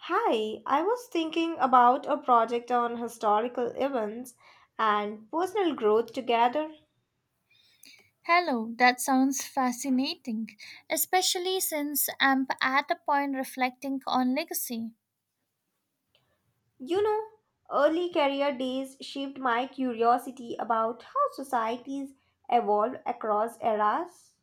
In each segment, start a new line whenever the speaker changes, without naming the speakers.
Hi, I was thinking about a project on historical events and personal growth together.
Hello, that sounds fascinating, especially since I'm at a point reflecting on legacy.
You know, early career days shaped my curiosity about how societies evolve across eras.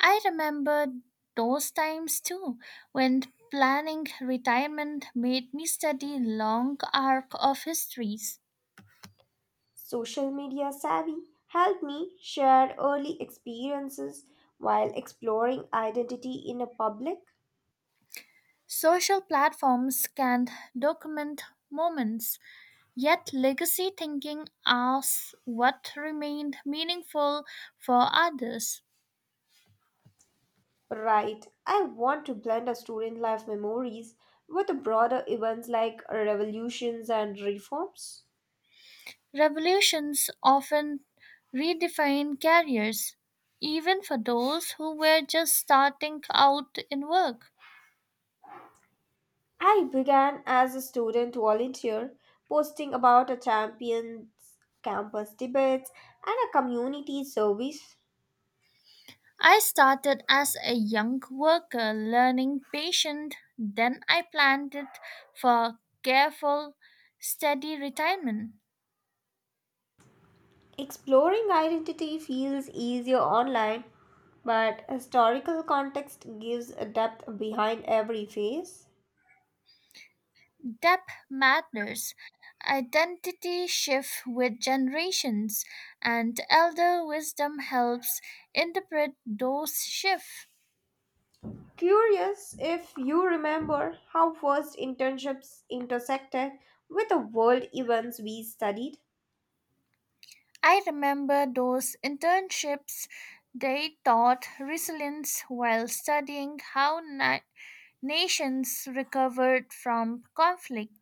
I remember those times too, when planning retirement made me study long arc of histories.
Social media savvy helped me share early experiences while exploring identity in a public.
Social platforms can document moments, yet legacy thinking asks what remained meaningful for others.
Right. I want to blend a student life memories with the broader events like revolutions and reforms.
Revolutions often redefine careers, even for those who were just starting out in work.
I began as a student volunteer, posting about a champions campus debates and a community service.
I started as a young worker learning patient, then I planned it for careful, steady retirement.
Exploring identity feels easier online, but historical context gives a depth behind every phase.
Depth matters. Identity shifts with generations, and elder wisdom helps interpret those shifts.
Curious if you remember how first internships intersected with the world events we studied.
I remember those internships. They taught resilience while studying how nations recovered from conflict.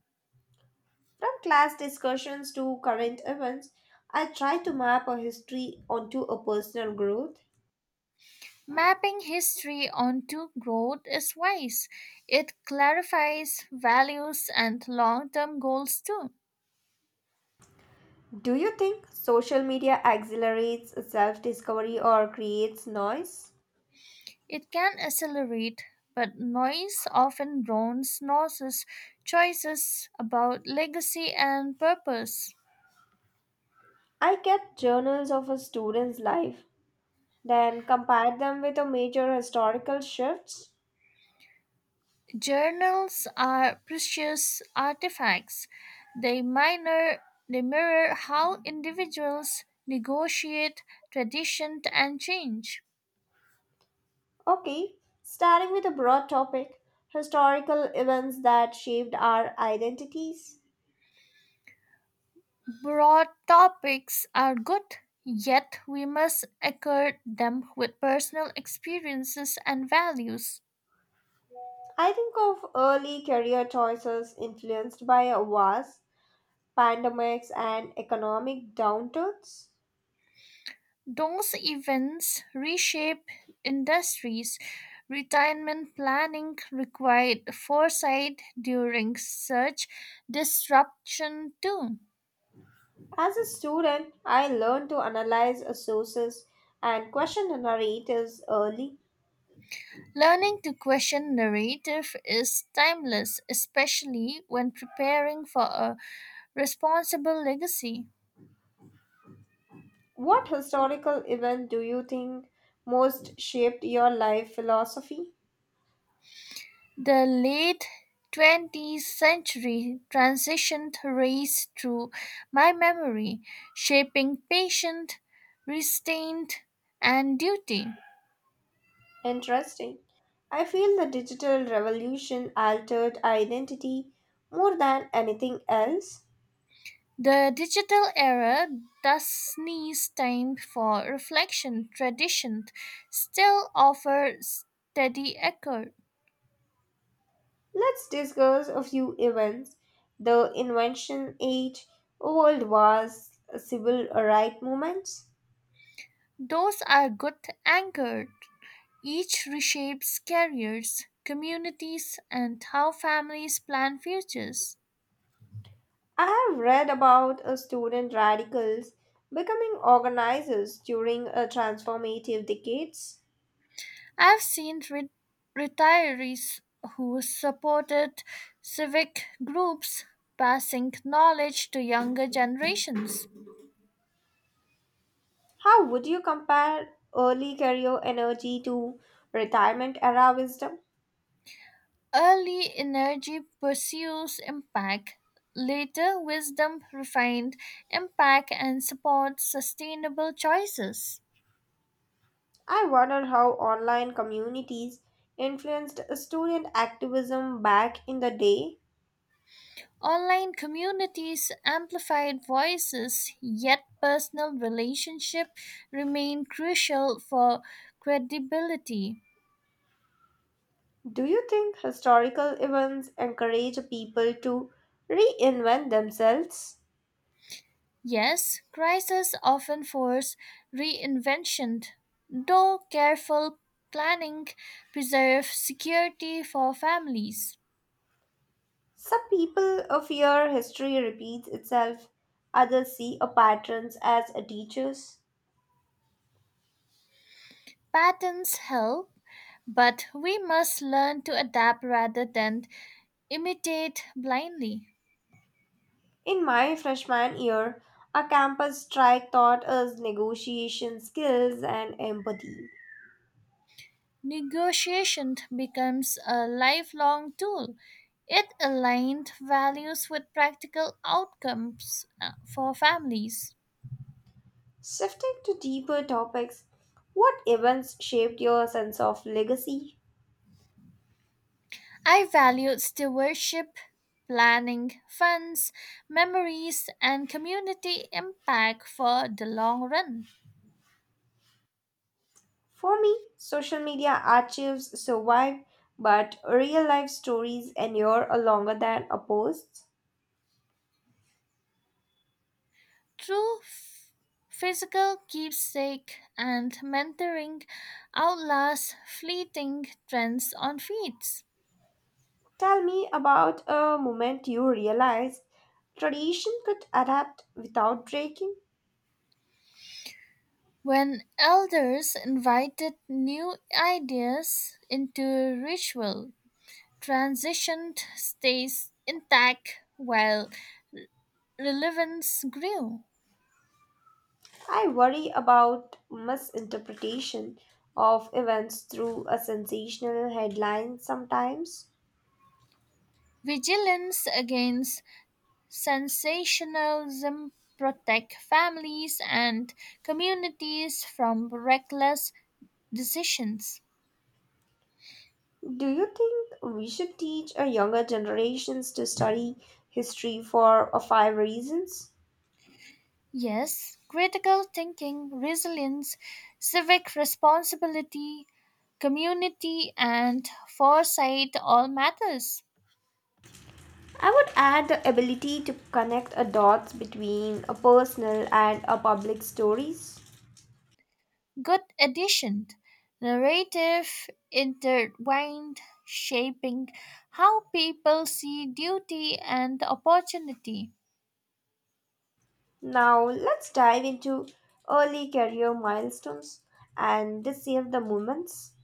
From class discussions to current events, I try to map a history onto a personal growth.
Mapping history onto growth is wise. It clarifies values and long term goals too.
Do you think social media accelerates self discovery or creates noise?
It can accelerate, but noise often drowns nurses' choices about legacy and purpose.
I kept journals of a student's life, then compared them with a major historical shifts.
Journals are precious artifacts. They, minor, they mirror how individuals negotiate tradition and change.
Okay, starting with a broad topic, historical events that shaped our identities.
Broad topics are good, yet we must anchor them with personal experiences and values.
I think of early career choices influenced by wars, pandemics, and economic downturns.
Those events reshape industries. Retirement planning required foresight during such disruption too.
As a student, I learned to analyze sources and question the narratives early.
Learning to question narrative is timeless, especially when preparing for a responsible legacy.
What historical event do you think most shaped your life philosophy?
The late 20th century transitioned race through my memory, shaping patient, restraint, and duty.
Interesting. I feel the digital revolution altered identity more than anything else.
The digital era thus sneeze time for reflection tradition still offers steady echo.
Let's discuss a few events, the invention age, world wars, civil rights movements.
Those are good anchored. Each reshapes careers, communities, and how families plan futures.
I have read about a student radicals becoming organizers during a transformative decades.
I've seen retirees who supported civic groups passing knowledge to younger generations.
How would you compare early career energy to retirement era wisdom?
Early energy pursues impact, later wisdom refined impact and supports sustainable choices.
I wonder how online communities influenced student activism back in the day.
Online communities amplified voices, yet personal relationships remain crucial for credibility.
Do you think historical events encourage people to reinvent themselves?
Yes, crises often force reinvention, though careful planning preserves security for families.
Some people fear history repeats itself, others see a patterns as a teachers.
Patterns help, but we must learn to adapt rather than imitate blindly.
In my freshman year, a campus strike taught us negotiation skills and empathy.
Negotiation becomes a lifelong tool. It aligned values with practical outcomes for families.
Shifting to deeper topics, what events shaped your sense of legacy?
I valued stewardship, planning, funds, memories, and community impact for the long run.
For me, social media archives survive, but real life stories endure longer than a post.
Through physical keepsake and mentoring outlasts fleeting trends on feeds.
Tell me about a moment you realized tradition could adapt without breaking.
When elders invited new ideas into ritual, transition stays intact while relevance grew.
I worry about misinterpretation of events through a sensational headline sometimes.
Vigilance against sensationalism protect families and communities from reckless decisions.
Do you think we should teach our younger generations to study history for five reasons?
Yes, critical thinking, resilience, civic responsibility, community, and foresight all matters.
I would add the ability to connect a dots between a personal and a public stories.
Good addition. Narrative intertwined, shaping how people see duty and opportunity.
Now let's dive into early career milestones and the save the moments.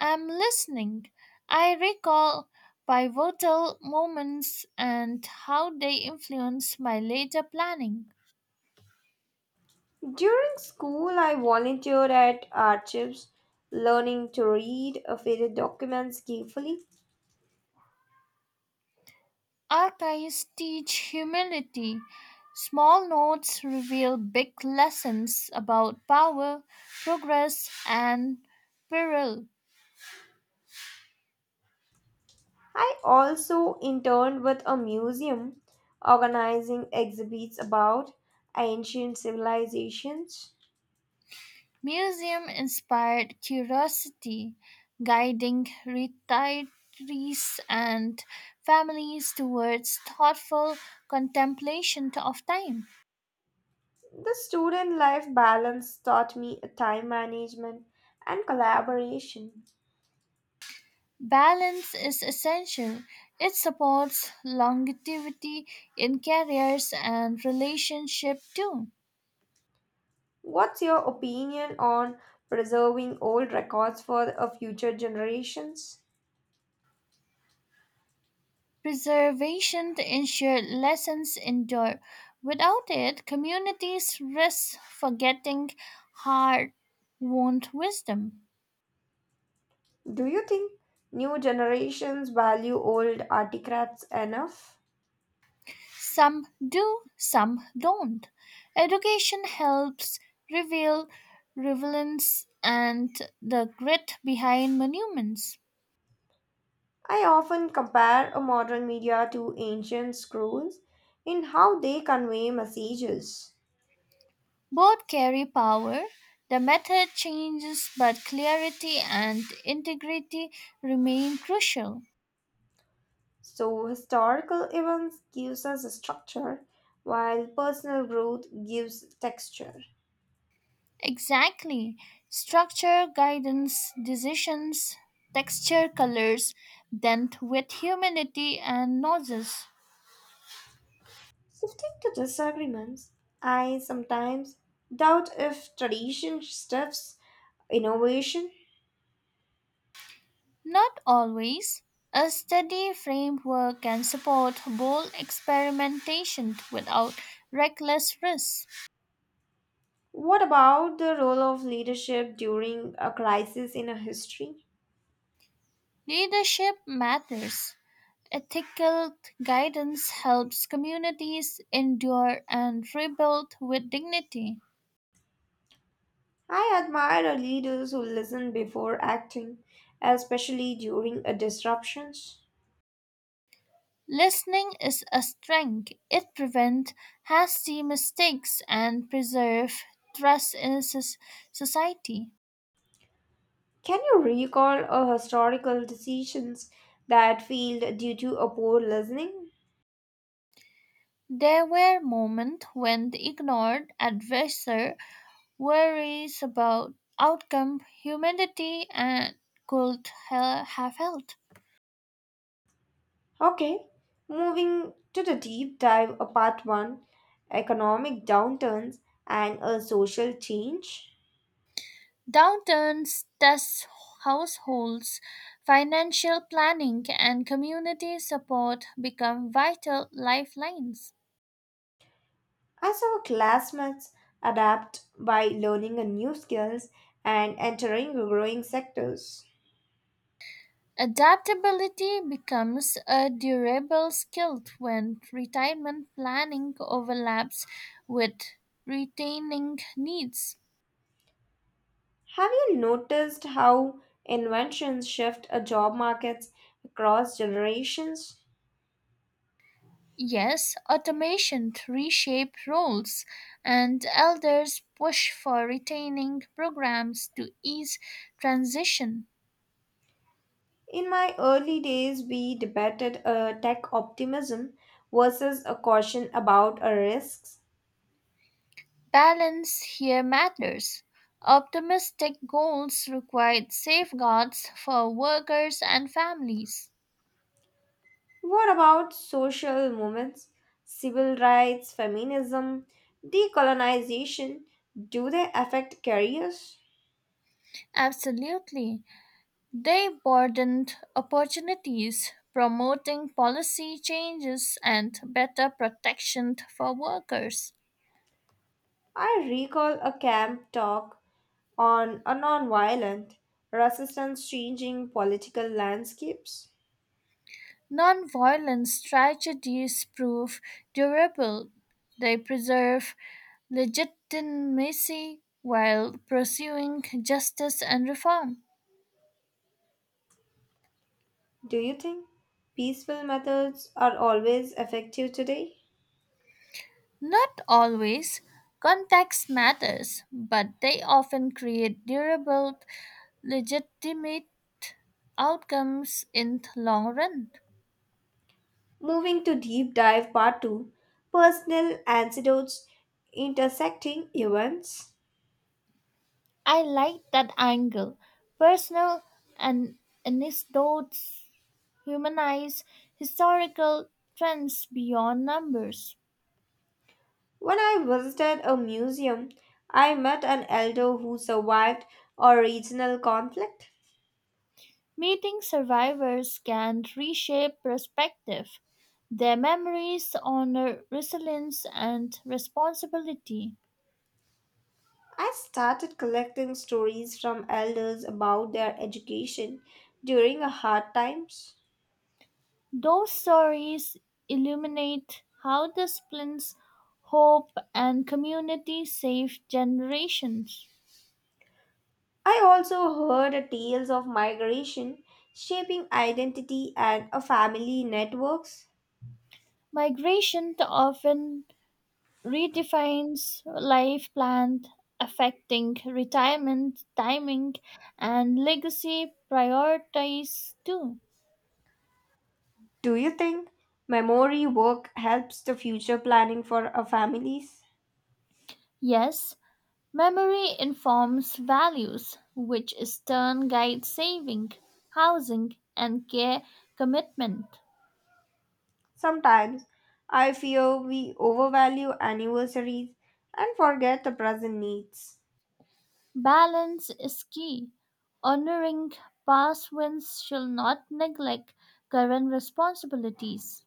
I'm listening. I recall pivotal moments and how they influence my later planning.
During school, I volunteered at archives, learning to read a faded documents carefully.
Archives teach humility. Small notes reveal big lessons about power, progress, and peril.
I also interned with a museum organizing exhibits about ancient civilizations.
Museum inspired curiosity, guiding retirees and families towards thoughtful contemplation of time.
The student life balance taught me time management and collaboration.
Balance is essential. It supports longevity in careers and relationship too.
What's your opinion on preserving old records for future generations?
Preservation to ensure lessons endure. Without it, communities risk forgetting hard won wisdom.
Do you think new generations value old artifacts enough?
Some do, some don't. Education helps reveal relevance and the grit behind monuments.
I often compare a modern media to ancient scrolls in how they convey messages.
Both carry power. The method changes, but clarity and integrity remain crucial.
So historical events gives us a structure while personal growth gives texture.
Exactly. Structure, guidance, decisions, texture, colors, dent with humanity and noises.
Shifting to disagreements, I sometimes doubt if tradition stuffs innovation.
Not always. A steady framework can support bold experimentation without reckless risks.
What about the role of leadership during a crisis in a history?
Leadership matters. Ethical guidance helps communities endure and rebuild with dignity.
I admire our leaders who listen before acting, especially during a disruptions.
Listening is a strength. It prevents hasty mistakes and preserves trust in society.
Can you recall a historical decisions that failed due to a poor listening?
There were moments when the ignored advisor worries about outcome humanity and could have helped.
Okay, moving to the deep dive of part 1, economic downturns and a social change.
Downturns test households, financial planning, and community support become vital lifelines.
I saw classmates adapt by learning a new skills and entering growing sectors.
Adaptability becomes a durable skill when retirement planning overlaps with retaining needs.
Have you noticed how inventions shift a job markets across generations?
Yes, automation reshape roles and elders push for retaining programs to ease transition.
In my early days, we debated a tech optimism versus a caution about our risks.
Balance here matters. Optimistic goals require safeguards for workers and families.
What about social movements, civil rights, feminism, decolonization? Do they affect careers?
Absolutely. They broadened opportunities, promoting policy changes and better protection for workers.
I recall a camp talk on a nonviolent resistance changing political landscapes.
Nonviolent strategies prove durable. They preserve legitimacy while pursuing justice and reform.
Do you think peaceful methods are always effective today?
Not always. Context matters, but they often create durable, legitimate outcomes in the long run.
Moving to deep dive part 2, personal antidotes intersecting events.
I like that angle. Personal and anecdotes humanize historical trends beyond numbers.
When I visited a museum, I met an elder who survived a regional conflict.
Meeting survivors can reshape perspective. Their memories honor resilience and responsibility.
I started collecting stories from elders about their education during hard times.
Those stories illuminate how disciplines, hope, and community save generations.
I also heard tales of migration shaping identity and a family networks.
Migration often redefines life plan affecting retirement timing and legacy priorities too.
Do you think memory work helps the future planning for our families?
Yes, memory informs values which in turn guide saving housing and care commitment.
Sometimes I fear we overvalue anniversaries and forget the present needs.
Balance is key. Honoring past wins shall not neglect current responsibilities.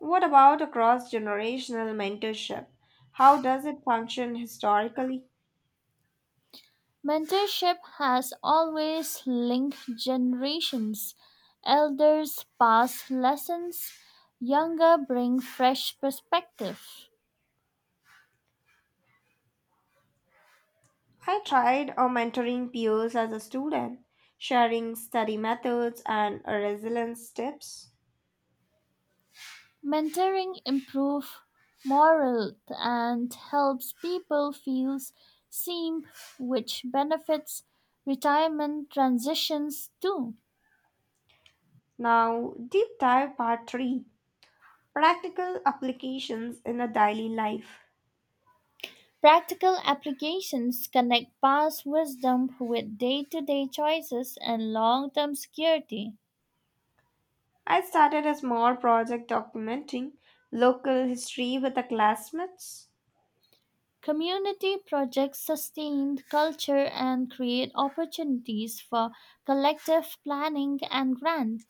What about a cross generational mentorship? How does it function historically?
Mentorship has always linked generations. Elders pass lessons, younger bring fresh perspective.
I tried mentoring peers as a student, sharing study methods and resilience tips.
Mentoring improves morale and helps people feel seen, which benefits retirement transitions too.
Now, deep dive part 3, practical applications in a daily life.
Practical applications connect past wisdom with day to day choices and long term security.
I started a small project documenting local history with the classmates.
Community projects sustain culture and create opportunities for collective planning and grant.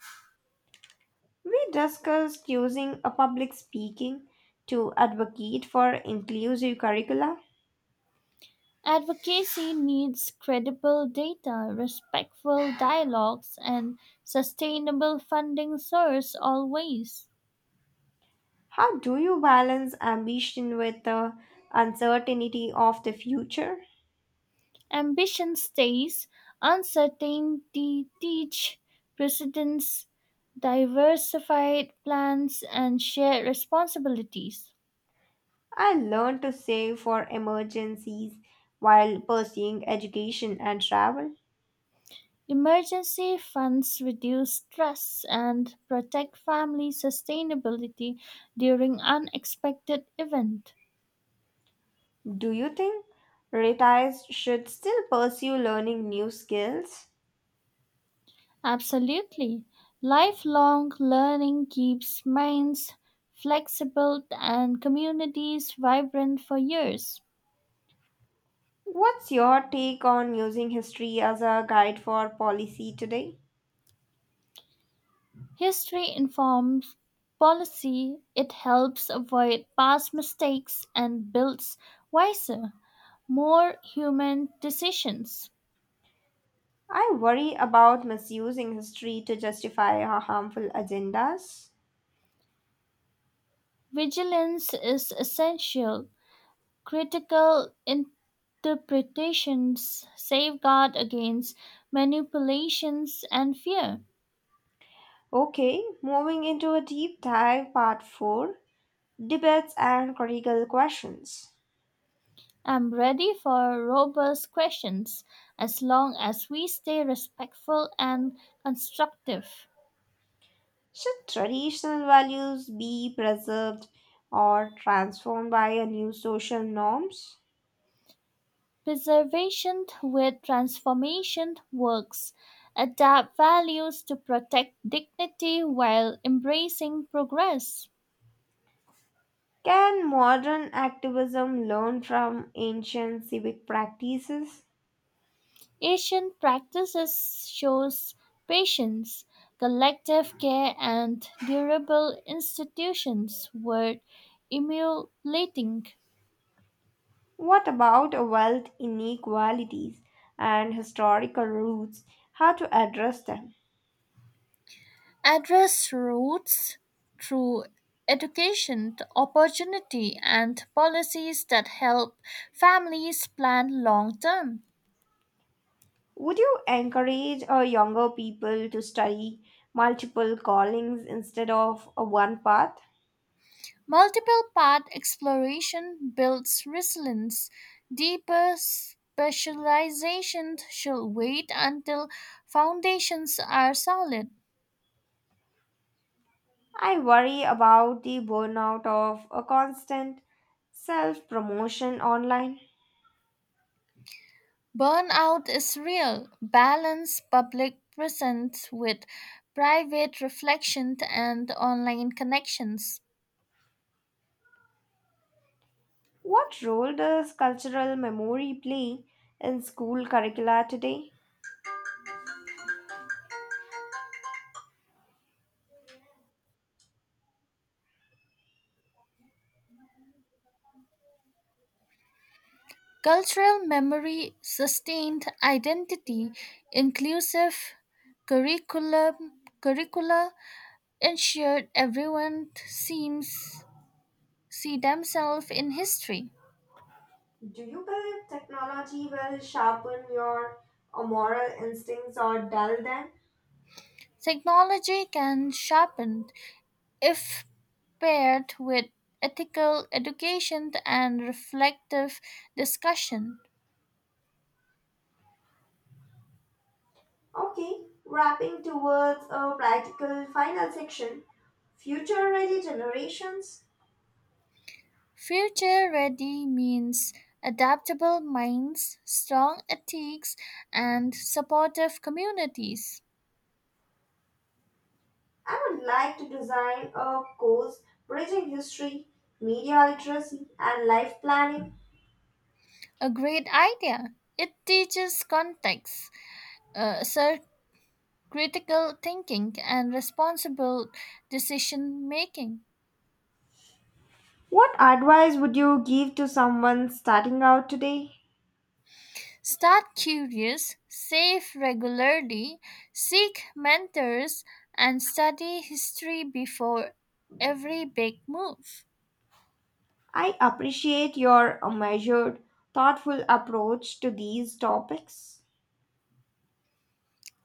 We discussed using a public speaking to advocate for inclusive curricula.
Advocacy needs credible data, respectful dialogues, and sustainable funding source always.
How do you balance ambition with the uncertainty of the future?
Ambition stays, uncertainty teach precedence, diversified plans, and shared responsibilities.
I learned to save for emergencies while pursuing education and travel.
Emergency funds reduce stress and protect family sustainability during unexpected events.
Do you think retirees should still pursue learning new skills?
Absolutely. Lifelong learning keeps minds flexible and communities vibrant for years.
What's your take on using history as a guide for policy today?
History informs policy, it helps avoid past mistakes and builds wiser, more human decisions.
I worry about misusing history to justify our harmful agendas.
Vigilance is essential. Critical interpretations safeguard against manipulations and fear.
Okay, moving into a deep dive, part 4, Debates and Critical Questions.
I'm ready for robust questions as long as we stay respectful and constructive.
Should traditional values be preserved or transformed by a new social norms?
Preservation with transformation works. Adapt values to protect dignity while embracing progress.
Can modern activism learn from ancient civic practices?
Asian practices shows patience, collective care and durable institutions worth emulating.
What about wealth inequalities and historical roots? How to address them?
Address roots through education, opportunity and policies that help families plan long term.
Would you encourage younger people to study multiple callings instead of a one path?
Multiple path exploration builds resilience. Deeper specialization should wait until foundations are solid.
I worry about the burnout of a constant self promotion online.
Burnout is real. Balance public presence with private reflection and online connections.
What role does cultural memory play in school curricula today?
Cultural memory, sustained identity, inclusive curricula ensured everyone seems see themselves in history.
Do you believe technology will sharpen your moral instincts or dull them?
Technology can sharpen if paired with ethical education and reflective discussion.
Okay, wrapping towards a practical final section. Future ready generations.
Future ready means adaptable minds, strong ethics, and supportive communities.
I would like to design a course bridging history, media literacy, and life planning.
A great idea. It teaches context, uh, sir, critical thinking, and responsible decision making.
What advice would you give to someone starting out today?
Start curious, save regularly, seek mentors, and study history before every big move.
I appreciate your measured, thoughtful approach to these topics.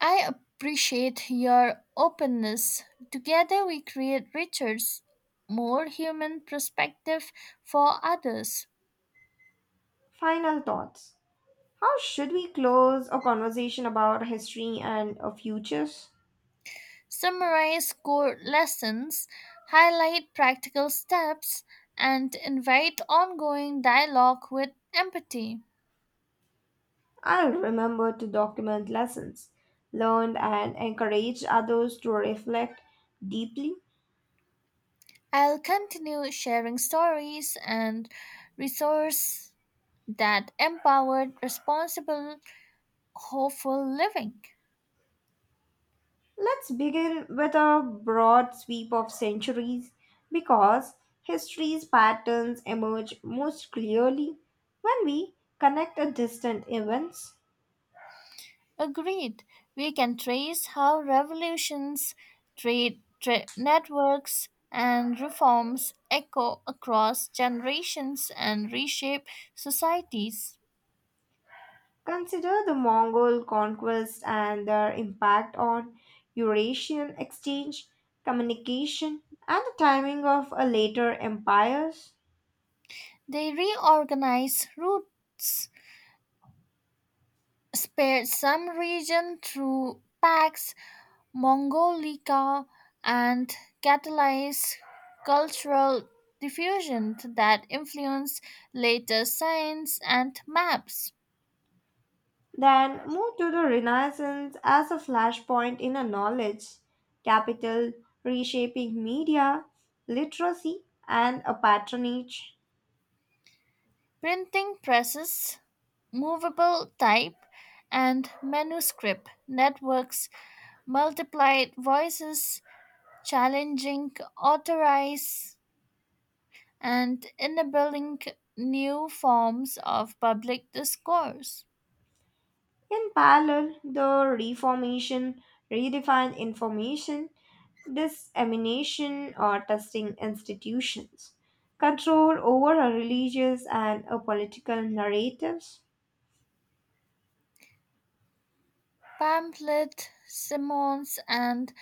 I appreciate your openness. Together, we create richer, more human perspective for others.
Final thoughts. How should we close a conversation about history and our futures?
Summarize core lessons, highlight practical steps, and invite ongoing dialogue with empathy.
I'll remember to document lessons learned and encourage others to reflect deeply.
I'll continue sharing stories and resources that empower responsible, hopeful living.
Let's begin with a broad sweep of centuries because history's patterns emerge most clearly when we connect the distant events.
Agreed. We can trace how revolutions, networks, and reforms echo across generations and reshape societies.
Consider the Mongol conquest and their impact on Eurasian exchange, communication, and the timing of a later empires.
They reorganize routes, spare some region through pacts, Mongolica and catalyze cultural diffusion that influenced later science and maps,
Then move to the Renaissance as a flashpoint in a knowledge, capital, reshaping media, literacy, and a patronage.
printing presses, movable type, and manuscript networks multiplied voices, challenging authorities and enabling new forms of public discourse.
In parallel, the Reformation redefined information dissemination or testing institutions, control over a religious and a political narratives.
Pamphlet, sermons, and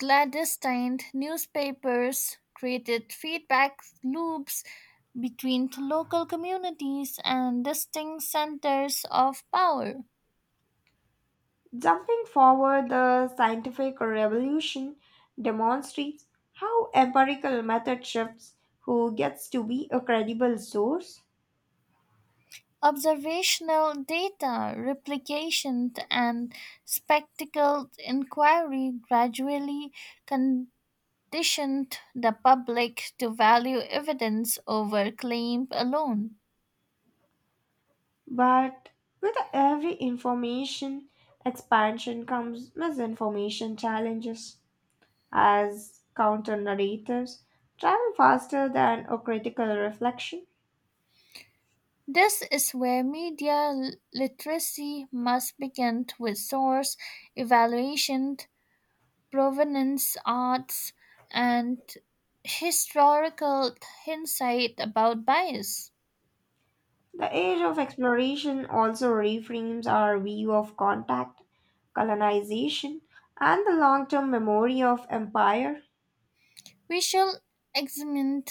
Clandestine newspapers created feedback loops between local communities and distinct centers of power.
Jumping forward, the scientific revolution demonstrates how empirical method shifts who gets to be a credible source,
Observational data replication and spectacled inquiry gradually conditioned the public to value evidence over claim alone.
but with every information expansion comes misinformation challenges as counter narratives travel faster than a critical reflection.
This is where media literacy must begin with source evaluation, provenance arts, and historical insight about bias.
The age of exploration also reframes our view of contact, colonization, and the long term memory of empire.
We shall examine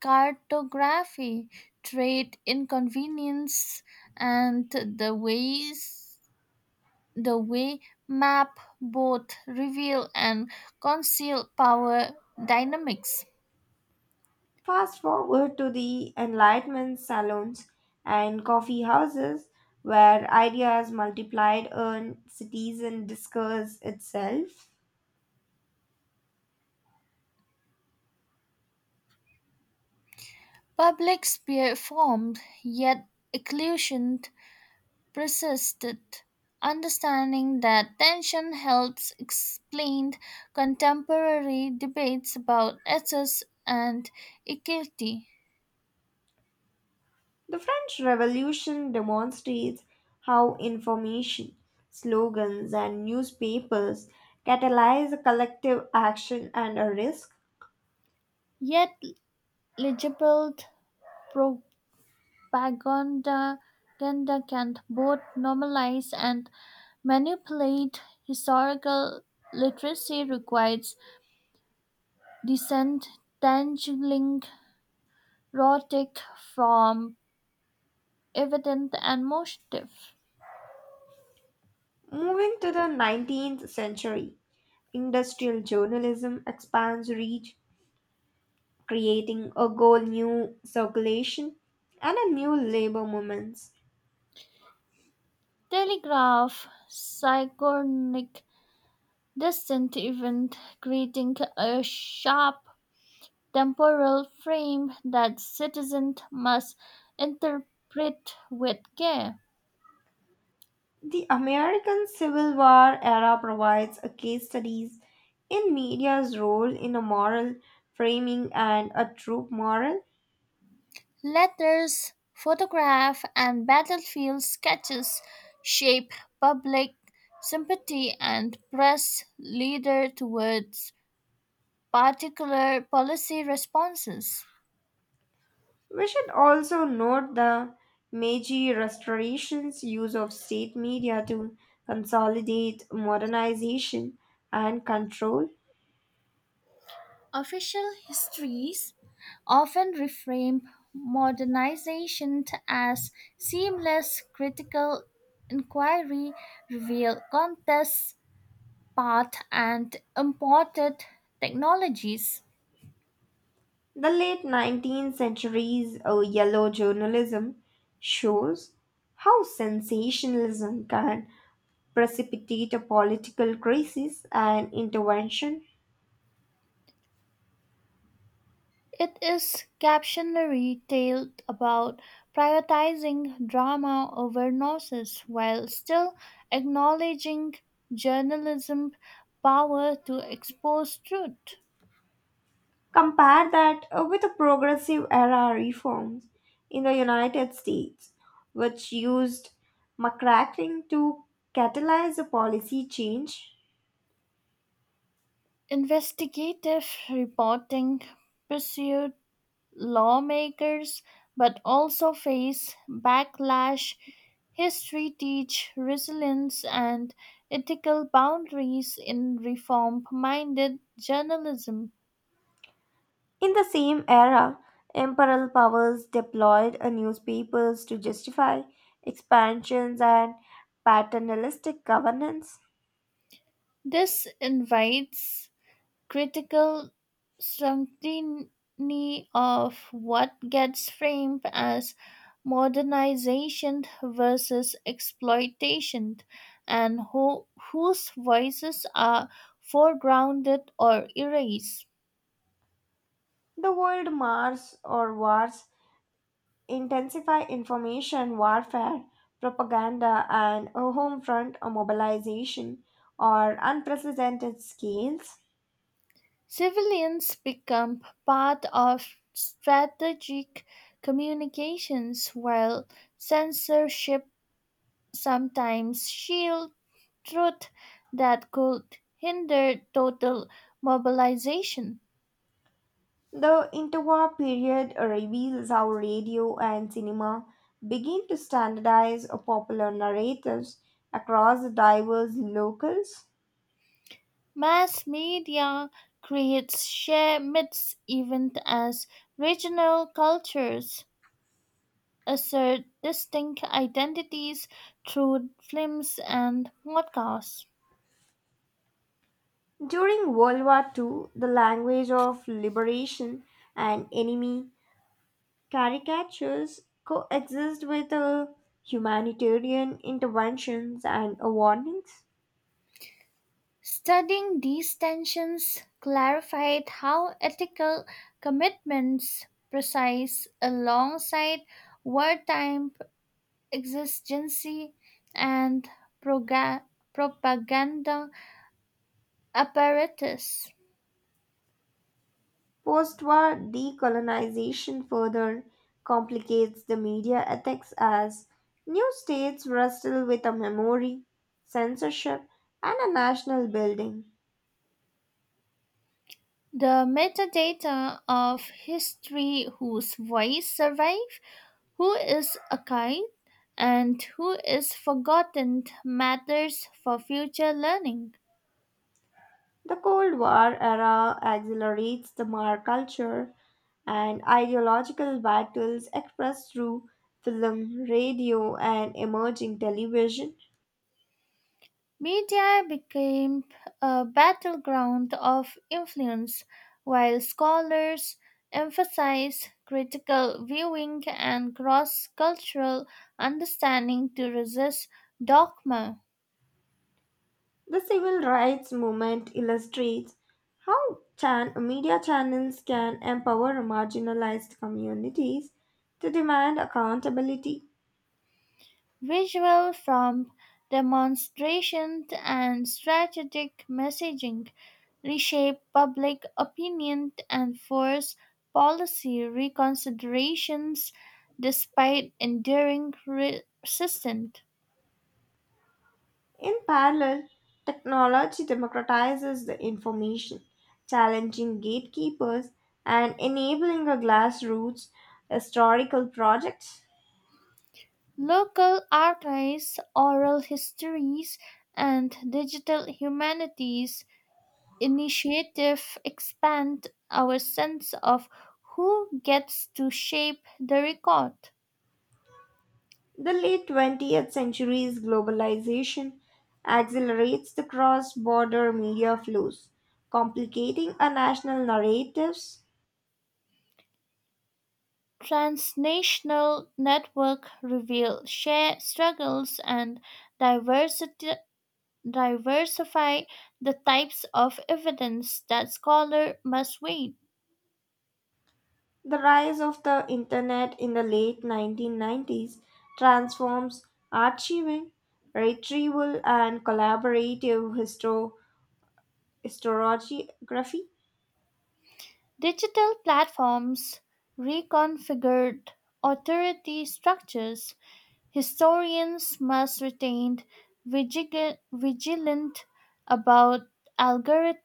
cartography, trade inconvenience, and the way map both reveal and conceal power dynamics.
Fast forward to the Enlightenment salons and coffee houses, where ideas multiplied and citizen discuss itself.
Public sphere formed, yet occlusion persisted. Understanding that tension helps explain contemporary debates about access and equity.
The French Revolution demonstrates how information, slogans, and newspapers catalyze a collective action and a risk.
Yet legible propaganda propaganda can both normalize and manipulate historical literacy requires disentangling rhetoric from evident and motive.
Moving to the 19th century, industrial journalism expands reach, creating a whole new circulation and a new labor movements.
Telegraph synchronic distant event creating a sharp temporal frame that citizens must interpret with care.
The American Civil War era provides a case studies in media's role in a moral framing and a troop moral.
Letters, photograph, and battlefield sketches shape public sympathy and press leader towards particular policy responses.
We should also note the Meiji Restoration's use of state media to consolidate modernization and control.
Official histories often reframe modernization as seamless critical inquiry, reveal contests, path, and imported technologies.
The late 19th century's yellow journalism shows how sensationalism can precipitate a political crisis and intervention.
It is captionary tale about prioritizing drama over nonsense while still acknowledging journalism power to expose truth.
Compare that with the progressive era reforms in the United States, which used McCracken to catalyze a policy change.
Investigative reporting pursued lawmakers but also faced backlash. History teach resilience and ethical boundaries in reform minded journalism.
In the same era, imperial powers deployed a newspapers to justify expansions and paternalistic governance.
This invites critical scrutiny of what gets framed as modernization versus exploitation and whose voices are foregrounded or erased.
The world Mars or wars intensify information warfare, propaganda, and a home front mobilization or unprecedented scales.
Civilians become part of strategic communications while censorship sometimes shields truth that could hinder total mobilization.
The interwar period reveals how radio and cinema begin to standardize popular narratives across the diverse locales.
Mass media creates share myths even as regional cultures assert distinct identities through films and podcasts.
During World War II, the language of liberation and enemy caricatures coexist with humanitarian interventions and warnings.
Studying these tensions clarified how ethical commitments precise alongside wartime exigency and proga- propaganda apparatus.
Post war decolonization further complicates the media ethics as new states wrestle with a memory, censorship, and a national building.
The metadata of history whose voice survives, who is archived, and who is forgotten matters for future learning.
The Cold War era accelerates the mar culture and ideological battles expressed through film, radio, and emerging television.
Media became a battleground of influence, while scholars emphasized critical viewing and cross cultural understanding to resist dogma.
The civil rights movement illustrates how media channels can empower marginalized communities to demand accountability.
Visual from demonstration and strategic messaging reshape public opinion and force policy reconsiderations despite enduring resistance.
In parallel, technology democratizes the information, challenging gatekeepers and enabling a grassroots historical project.
Local archives, oral histories, and digital humanities initiative expand our sense of who gets to shape the record.
The late 20th century's globalization accelerates the cross border media flows, complicating our national narratives.
Transnational network reveal share struggles and diversity, diversify the types of evidence that scholar must weigh.
The rise of the internet in the late 1990s transforms archiving, retrieval, and collaborative historiography.
Digital platforms reconfigured authority structures. Historians must retain vigilant about algorith-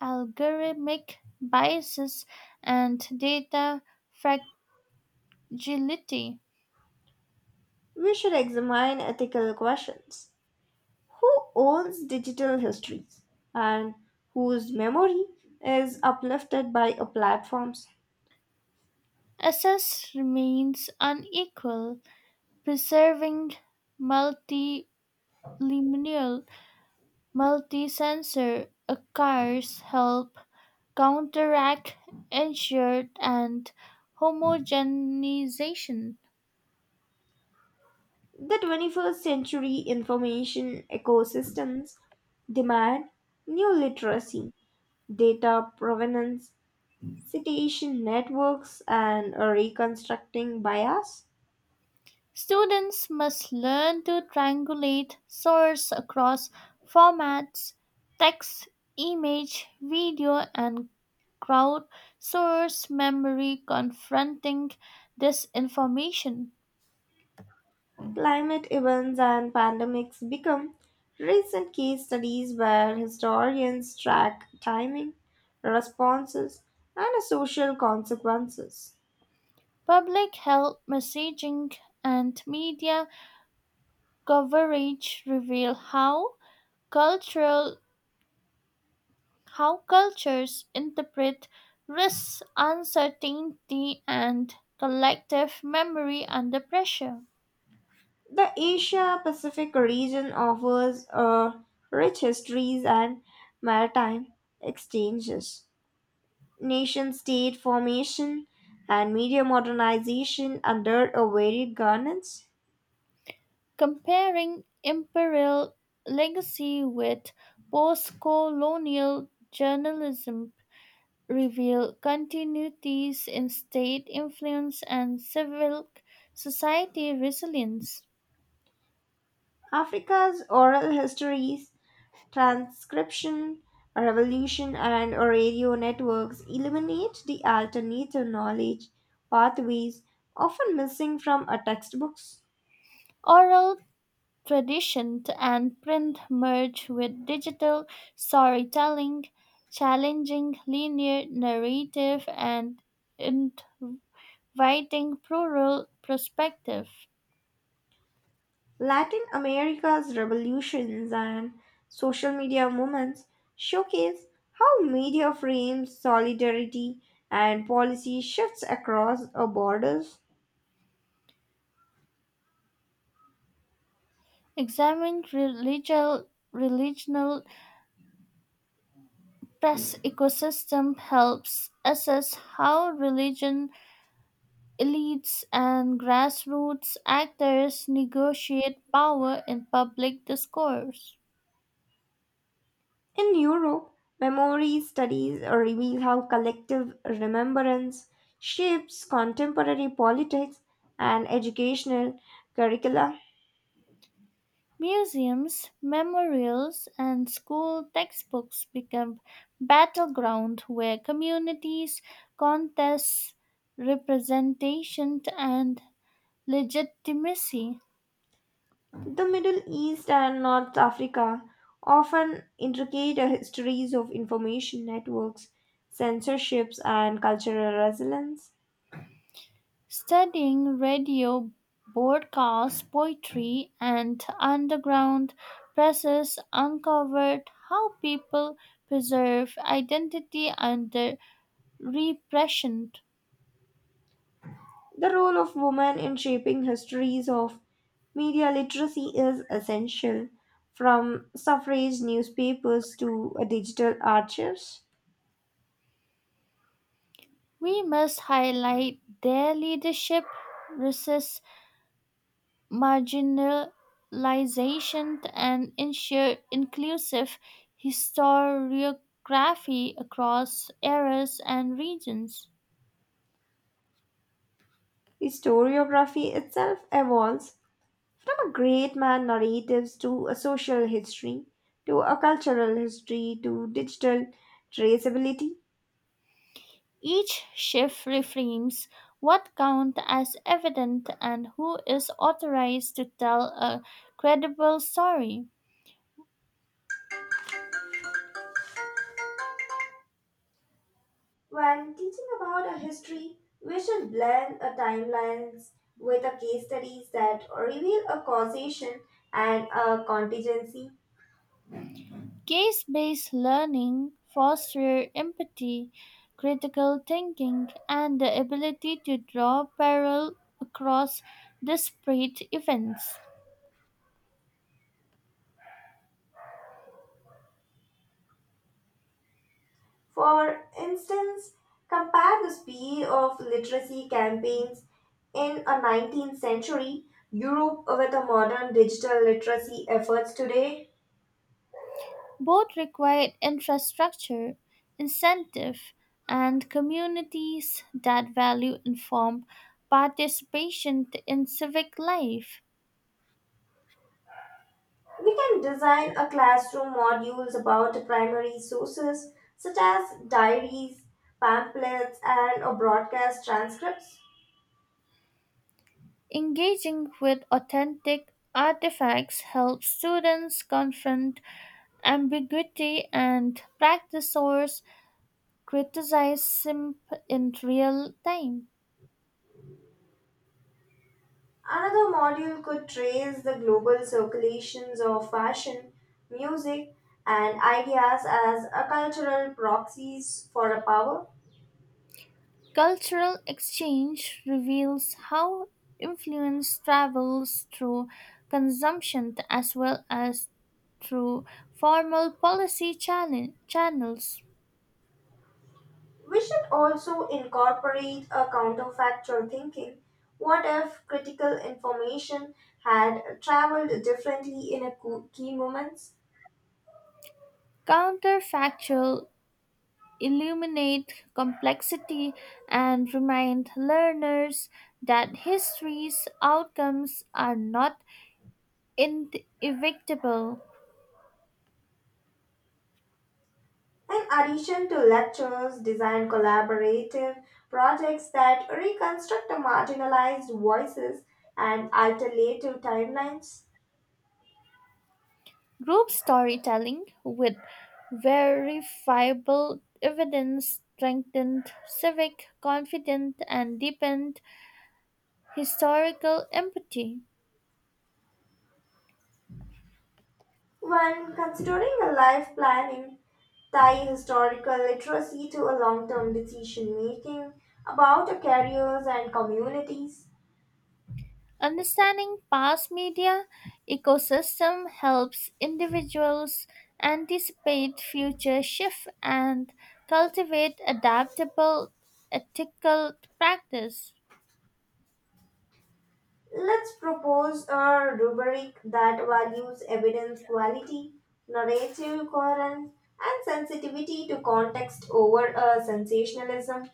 algorithmic biases and data fragility.
We should examine ethical questions. Who owns digital histories and whose memory is uplifted by a platforms.
Access remains unequal, preserving multilineal, multi-sensor accounts help counteract ensured and homogenization.
The 21st century information ecosystems demand new literacy, data provenance, citation networks, and a reconstructing bias.
Students must learn to triangulate source across formats, text, image, video, and crowd source memory confronting disinformation.
Climate events and pandemics become recent case studies where historians track timing, responses, and social consequences.
Public health messaging and media coverage reveal cultural how cultures interpret risks, uncertainty, and collective memory under pressure.
The Asia Pacific region offers a rich histories and maritime exchanges. Nation state formation and media modernization under a varied governance.
Comparing imperial legacy with post colonial journalism reveal continuities in state influence and civil society resilience.
Africa's oral histories transcription revolution and radio networks eliminate the alternative knowledge pathways often missing from our textbooks.
Oral tradition and print merge with digital storytelling, challenging linear narrative and inviting plural perspective.
Latin America's revolutions and social media movements showcase how media frames solidarity and policy shifts across our borders.
Examining religious religional pest ecosystem helps assess how religion elites and grassroots actors negotiate power in public discourse.
In Europe, memory studies reveal how collective remembrance shapes contemporary politics and educational curricula.
Museums, memorials, and school textbooks become battleground where communities contest representation and legitimacy.
The Middle East and North Africa often intricate histories of information networks, censorships, and cultural resilience.
Studying radio broadcasts, poetry, and underground presses uncovered how people preserve identity under repression.
The role of women in shaping histories of media literacy is essential, from suffrage newspapers to digital archives.
We must highlight their leadership, resources, marginalization and ensure inclusive historiography across eras and regions.
Historiography itself evolves from a great man narratives to a social history, to a cultural history, to digital traceability.
Each shift reframes what counts as evident and who is authorized to tell a credible story.
When teaching about a history, we should blend a timelines with a case studies that reveal a causation and a contingency.
Case based learning fosters empathy, critical thinking, and the ability to draw parallel across disparate events.
For instance, compare the speed of literacy campaigns in a 19th century Europe with the modern digital literacy efforts today.
Both required infrastructure, incentive, and communities that value informed participation in civic life.
We can design a classroom modules about primary sources such as diaries, pamphlets, and broadcast transcripts.
Engaging with authentic artifacts helps students confront ambiguity and practice or criticize SIMP in real time.
Another module could trace the global circulations of fashion, music, and ideas as a cultural proxies for a power.
Cultural exchange reveals how influence travels through consumption as well as through formal policy channels.
We should also incorporate a counterfactual thinking. What if critical information had traveled differently in a key moments?
Counterfactual illuminate complexity and remind learners that history's outcomes are not inevitable.
In addition to lectures, design collaborative projects that reconstruct the marginalized voices and alternative timelines.
Group storytelling with verifiable evidence strengthened civic confidence and deepened historical empathy.
When considering a life planning, tie historical literacy to a long term decision making about our careers and communities.
Understanding past media ecosystem helps individuals anticipate future shifts and cultivate adaptable ethical practice.
Let's propose a rubric that values evidence quality, narrative coherence, and sensitivity to context over a sensationalism.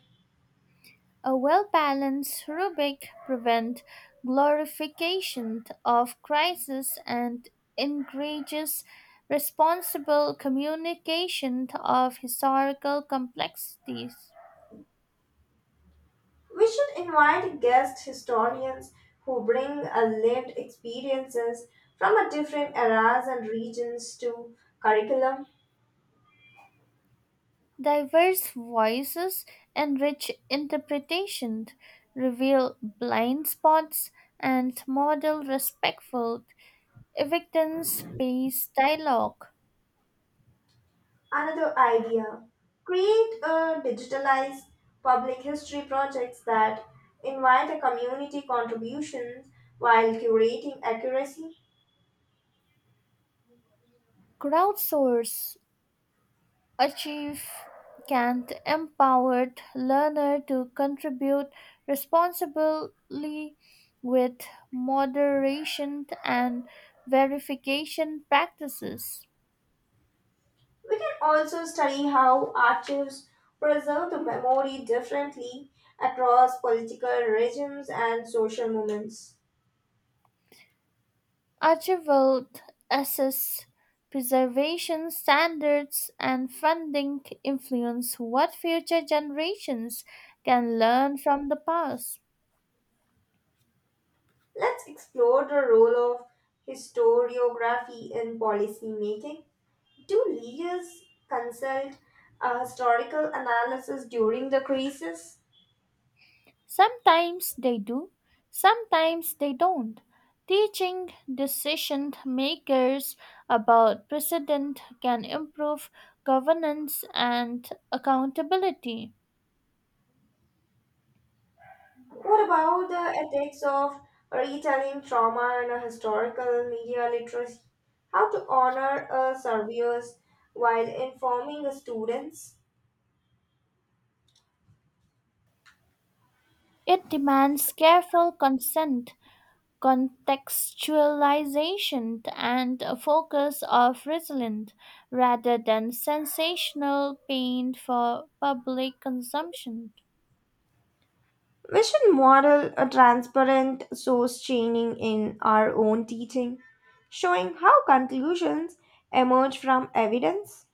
A well balanced rubric prevents glorification of crisis and encourages responsible communication of historical complexities.
We should invite guest historians who bring a lived experiences from a different eras and regions to curriculum.
Diverse voices and rich interpretation reveal blind spots and model respectful, evidence based dialogue.
Another idea, create a digitalized public history projects that invite a community contributions while curating accuracy.
Crowdsource achieve can empowered learner to contribute responsibly with moderation and verification practices.
We can also study how archives preserve the memory differently across political regimes and social movements.
Archibald assess preservation standards and funding influence what future generations can learn from the past.
Let's explore the role of historiography in policy making. Do leaders consult a historical analysis during the crisis?
Sometimes they do, sometimes they don't. Teaching decision makers about precedent can improve governance and accountability.
What about the ethics of retelling trauma in a historical media literacy? How to honor survivors while informing the students?
It demands careful consent, contextualization, and a focus of resilience rather than sensational pain for public consumption.
We should model a transparent source chaining in our own teaching, showing how conclusions emerge from evidence.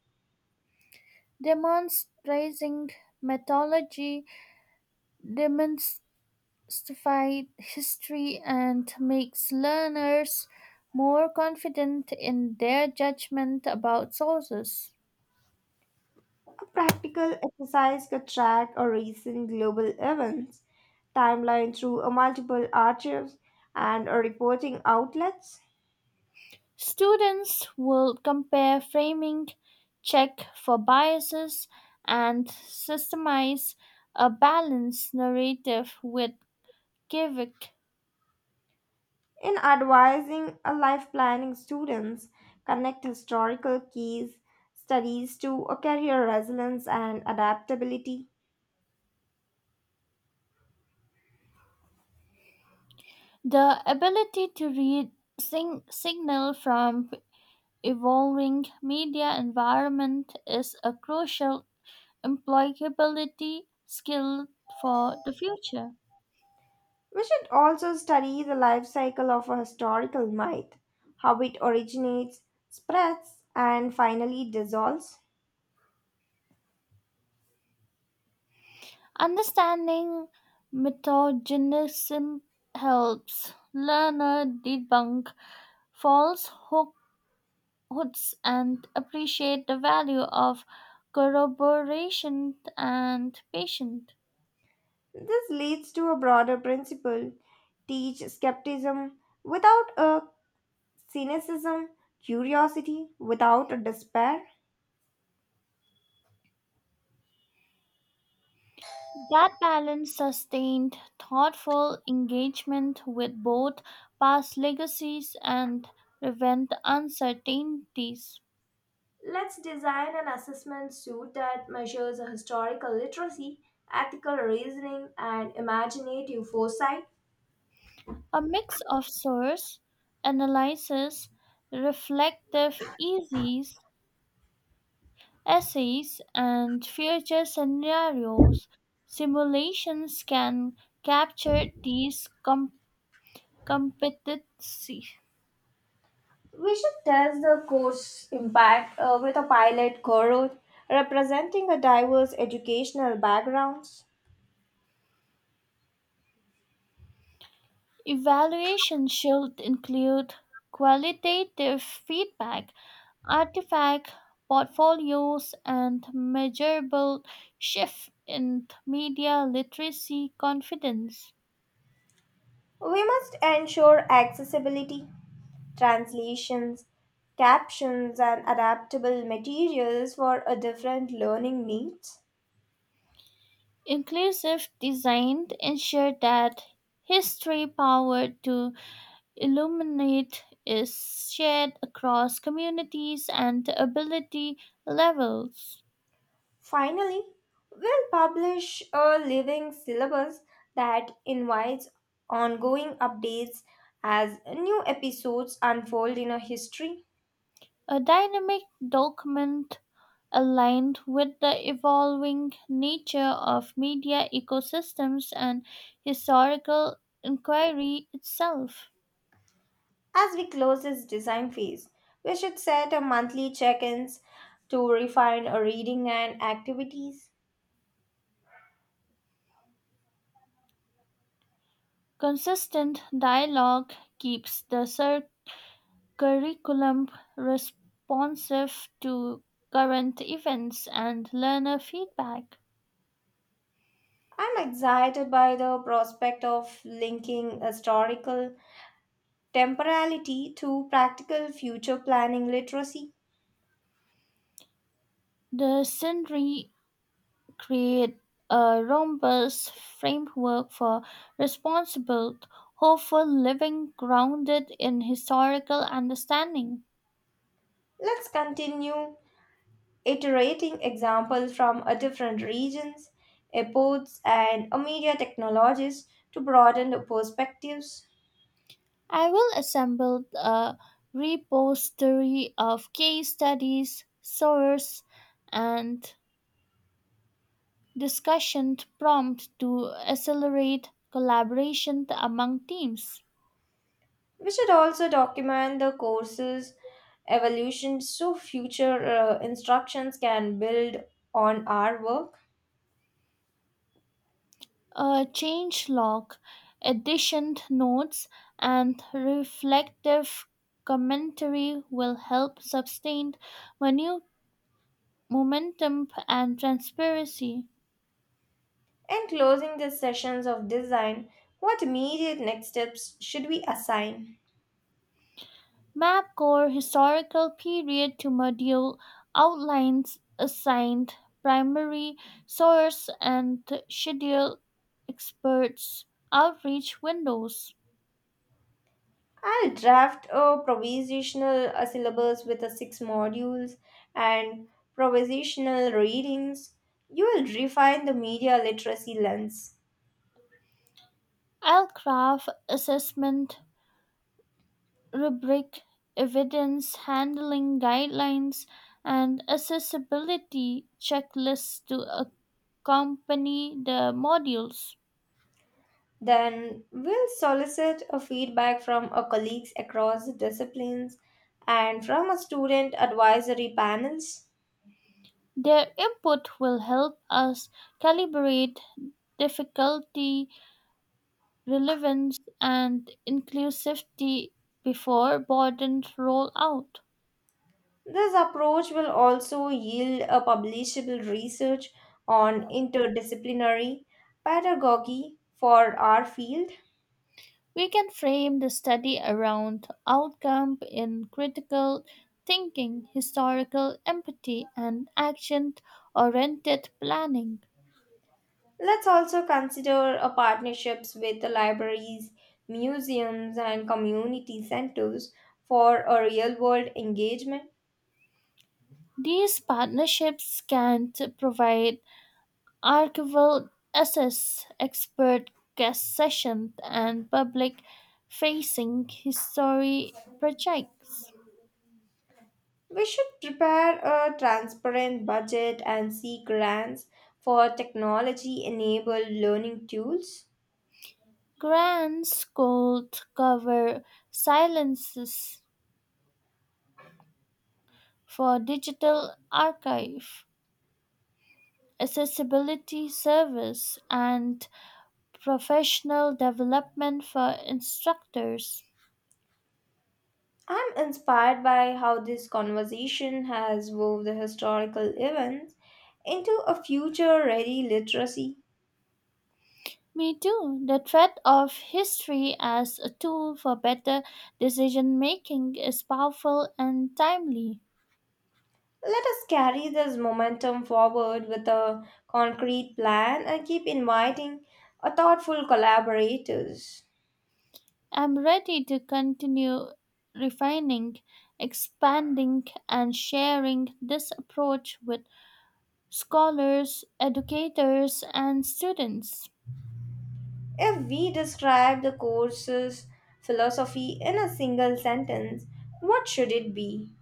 Demonstrating methodology demonstrates demystified history and makes learners more confident in their judgment about sources.
A practical exercise could track a recent global events timeline through a multiple archives and a reporting outlets.
Students will compare framing, check for biases, and systemize a balanced narrative with civic.
In advising a life planning, students connect historical case studies to a career resilience and adaptability.
The ability to read signal from evolving media environment is a crucial employability skill for the future.
We should also study the life cycle of a historical myth, how it originates, spreads, and finally dissolves.
Understanding metagenism helps learner debunk false hooks and appreciate the value of corroboration and patience.
This leads to a broader principle, teach skepticism without a cynicism, curiosity without a despair.
That balance sustained thoughtful engagement with both past legacies and prevent uncertainties.
Let's design an assessment suite that measures historical literacy, ethical reasoning, and imaginative foresight.
A mix of source analysis, reflective essays, essays and future scenarios simulations can capture these competency.
We should test the course impact with a pilot cohort representing a diverse educational backgrounds.
Evaluation should include qualitative feedback, artifact portfolios, and measurable shift in media literacy confidence.
We must ensure accessibility, translations, captions, and adaptable materials for a different learning needs.
Inclusive design ensured that history power to illuminate is shared across communities and ability levels.
Finally, we'll publish a living syllabus that invites ongoing updates as new episodes unfold in our history.
A dynamic document aligned with the evolving nature of media ecosystems and historical inquiry itself.
As we close this design phase, we should set a monthly check-ins to refine our reading and activities.
Consistent dialogue keeps the circle curriculum responsive to current events and learner feedback.
I'm excited by the prospect of linking historical temporality to practical future planning literacy.
The centenary create a robust framework for responsible, hopeful living grounded in historical understanding.
Let's continue iterating examples from a different regions, epochs, and a media technologies to broaden the perspectives.
I will assemble a repository of case studies, sources, and discussion prompt to accelerate collaboration among teams.
We should also document the courses evolution so future instructions can build on our work.
A change log, addition notes, and reflective commentary will help sustain menu- momentum and transparency.
In closing these sessions of design, what immediate next steps should we assign?
Map core historical period to module outlines assigned primary source and schedule experts outreach windows.
I'll draft a provisional syllabus with the six modules and provisional readings. You will refine the media literacy lens.
I'll craft assessment rubric, evidence handling guidelines, and accessibility checklists to accompany the modules.
Then we'll solicit a feedback from our colleagues across disciplines and from our student advisory panels.
Their input will help us calibrate difficulty, relevance, and inclusivity before burdens roll out.
This approach will also yield a publishable research on interdisciplinary pedagogy for our field.
We can frame the study around outcome in critical thinking, historical empathy, and action oriented planning.
Let's also consider a partnerships with the libraries, museums, and community centers for a real world engagement.
These partnerships provide archival access, expert guest sessions, and public facing history projects.
We should prepare a transparent budget and seek grants for technology enabled learning tools.
Grants could cover silences for digital archive accessibility service, and professional development for instructors.
I'm inspired by how this conversation has wove the historical events into a future ready literacy.
Me too. The threat of history as a tool for better decision making is powerful and timely.
Let us carry this momentum forward with a concrete plan and keep inviting a thoughtful collaborators.
I'm ready to continue refining, expanding, and sharing this approach with scholars, educators, and students.
If we describe the course's philosophy in a single sentence, what should it be?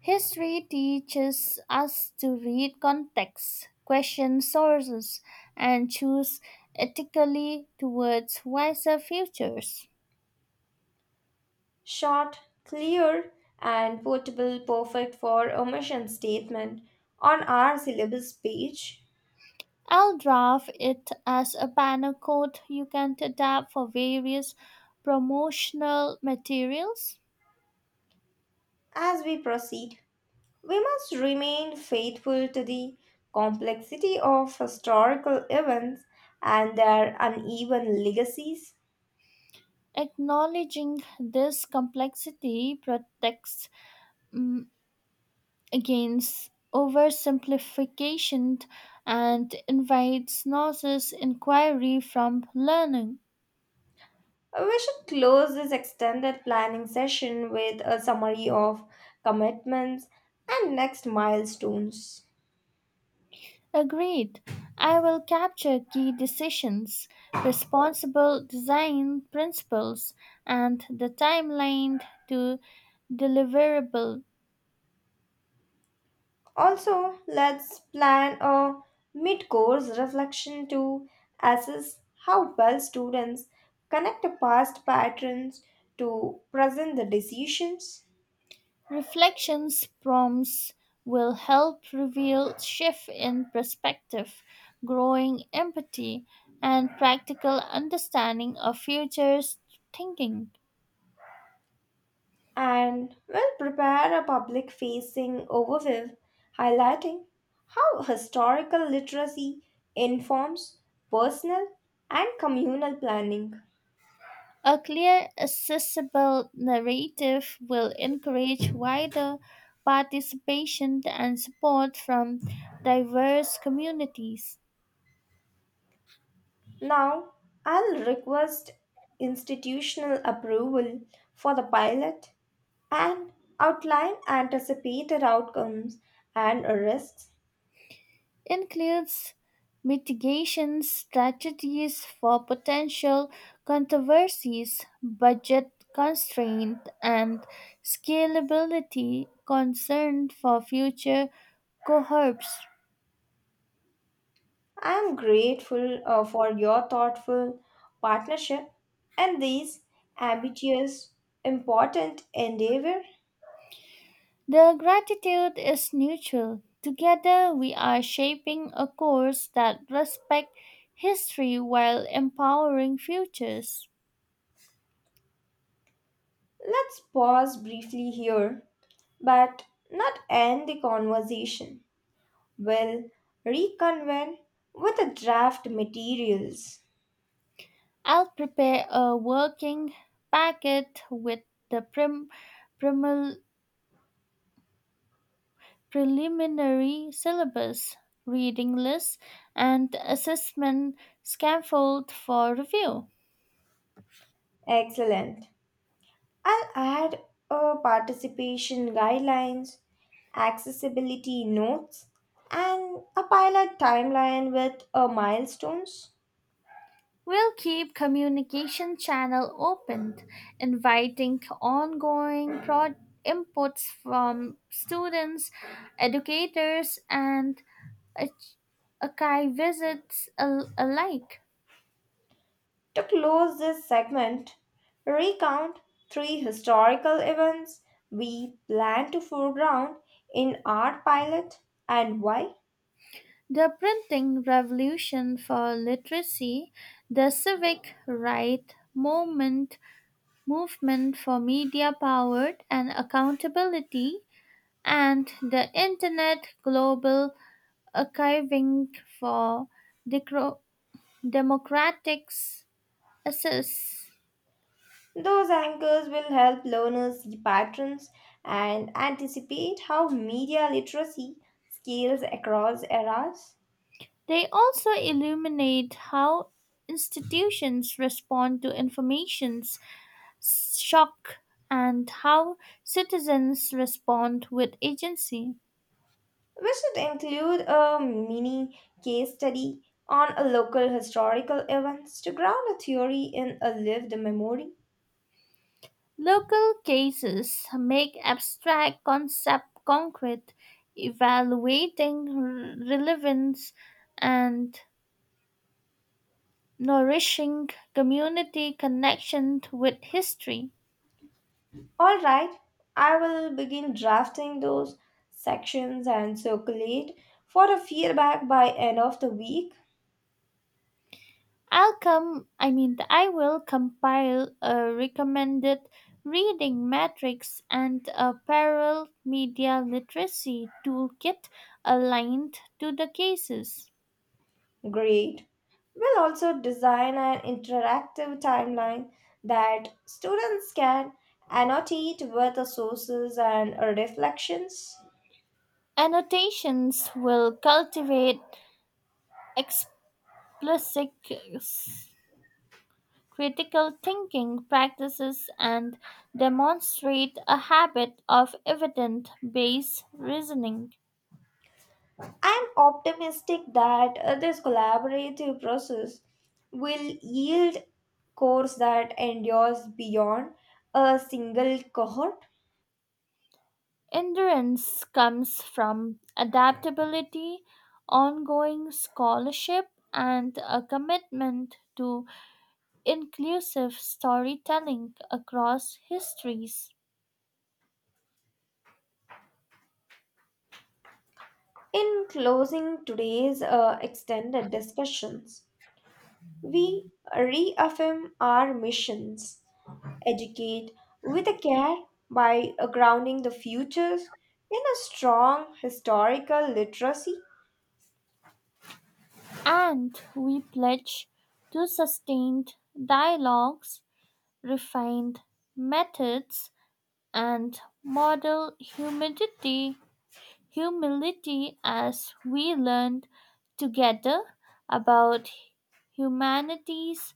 History teaches us to read context, question sources, and choose ethically towards wiser futures.
Short, clear, and portable, perfect for a mission statement on our syllabus page.
I'll draft it as a banner code you can adapt for various promotional materials.
As we proceed, we must remain faithful to the complexity of historical events and their uneven legacies.
Acknowledging this complexity protects mm, against oversimplification and invites nauseous inquiry from learning.
We should close this extended planning session with a summary of commitments and next milestones.
Agreed. I will capture key decisions, responsible design principles, and the timeline to deliverable.
Also, let's plan a mid course reflection to assess how well students connect the past patterns to present the decisions.
Reflections prompts will help reveal shift in perspective, growing empathy, and practical understanding of future thinking.
And will prepare a public facing overview highlighting how historical literacy informs personal and communal planning.
A clear, accessible narrative will encourage wider participation and support from diverse communities.
Now, I'll request institutional approval for the pilot and outline anticipated outcomes and risks.
Includes mitigation strategies for potential controversies, budget constraint, and scalability concern for future cohorts.
I am grateful for your thoughtful partnership and these ambitious, important endeavor.
The gratitude is mutual. Together, we are shaping a course that respects history while empowering futures.
Let's pause briefly here, but not end the conversation. We'll reconvene with the draft materials.
I'll prepare a working packet with the primel- preliminary syllabus, reading list, and assessment scaffold for review.
Excellent. I'll add participation guidelines, accessibility notes, and a pilot timeline with milestones.
We'll keep communication channel open, inviting ongoing inputs from students, educators, and arch- archive visits alike.
To close this segment, recount three historical events we plan to foreground in our pilot and why.
The printing revolution for literacy, the civic movement, movement for media powered and accountability, and the internet global archiving for decro- democratic access.
Those anchors will help learners see patterns and anticipate how media literacy scales across eras.
They also illuminate how institutions respond to information shock and how citizens respond with agency.
We should include a mini case study on a local historical events to ground a theory in a lived memory.
Local cases make abstract concept concrete, evaluating relevance and nourishing community connection with history.
All right, I will begin drafting those sections and circulate for a feedback by end of the week.
I'll come, I mean, I will compile a recommended reading matrix and a parallel media literacy toolkit aligned to the cases.
Great. We'll also design an interactive timeline that students can annotate with the sources and reflections.
Annotations will cultivate explicit critical thinking practices and demonstrate a habit of evidence based reasoning.
I'm optimistic that this collaborative process will yield course that endures beyond a single cohort.
Endurance comes from adaptability, ongoing scholarship, and a commitment to inclusive storytelling across histories.
In closing today's extended discussions, we reaffirm our missions educate with a care by grounding the futures in a strong historical literacy.
And we pledge to sustained dialogues, refined methods, and model humility as we learn together about humanity's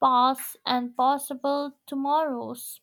past and possible tomorrows.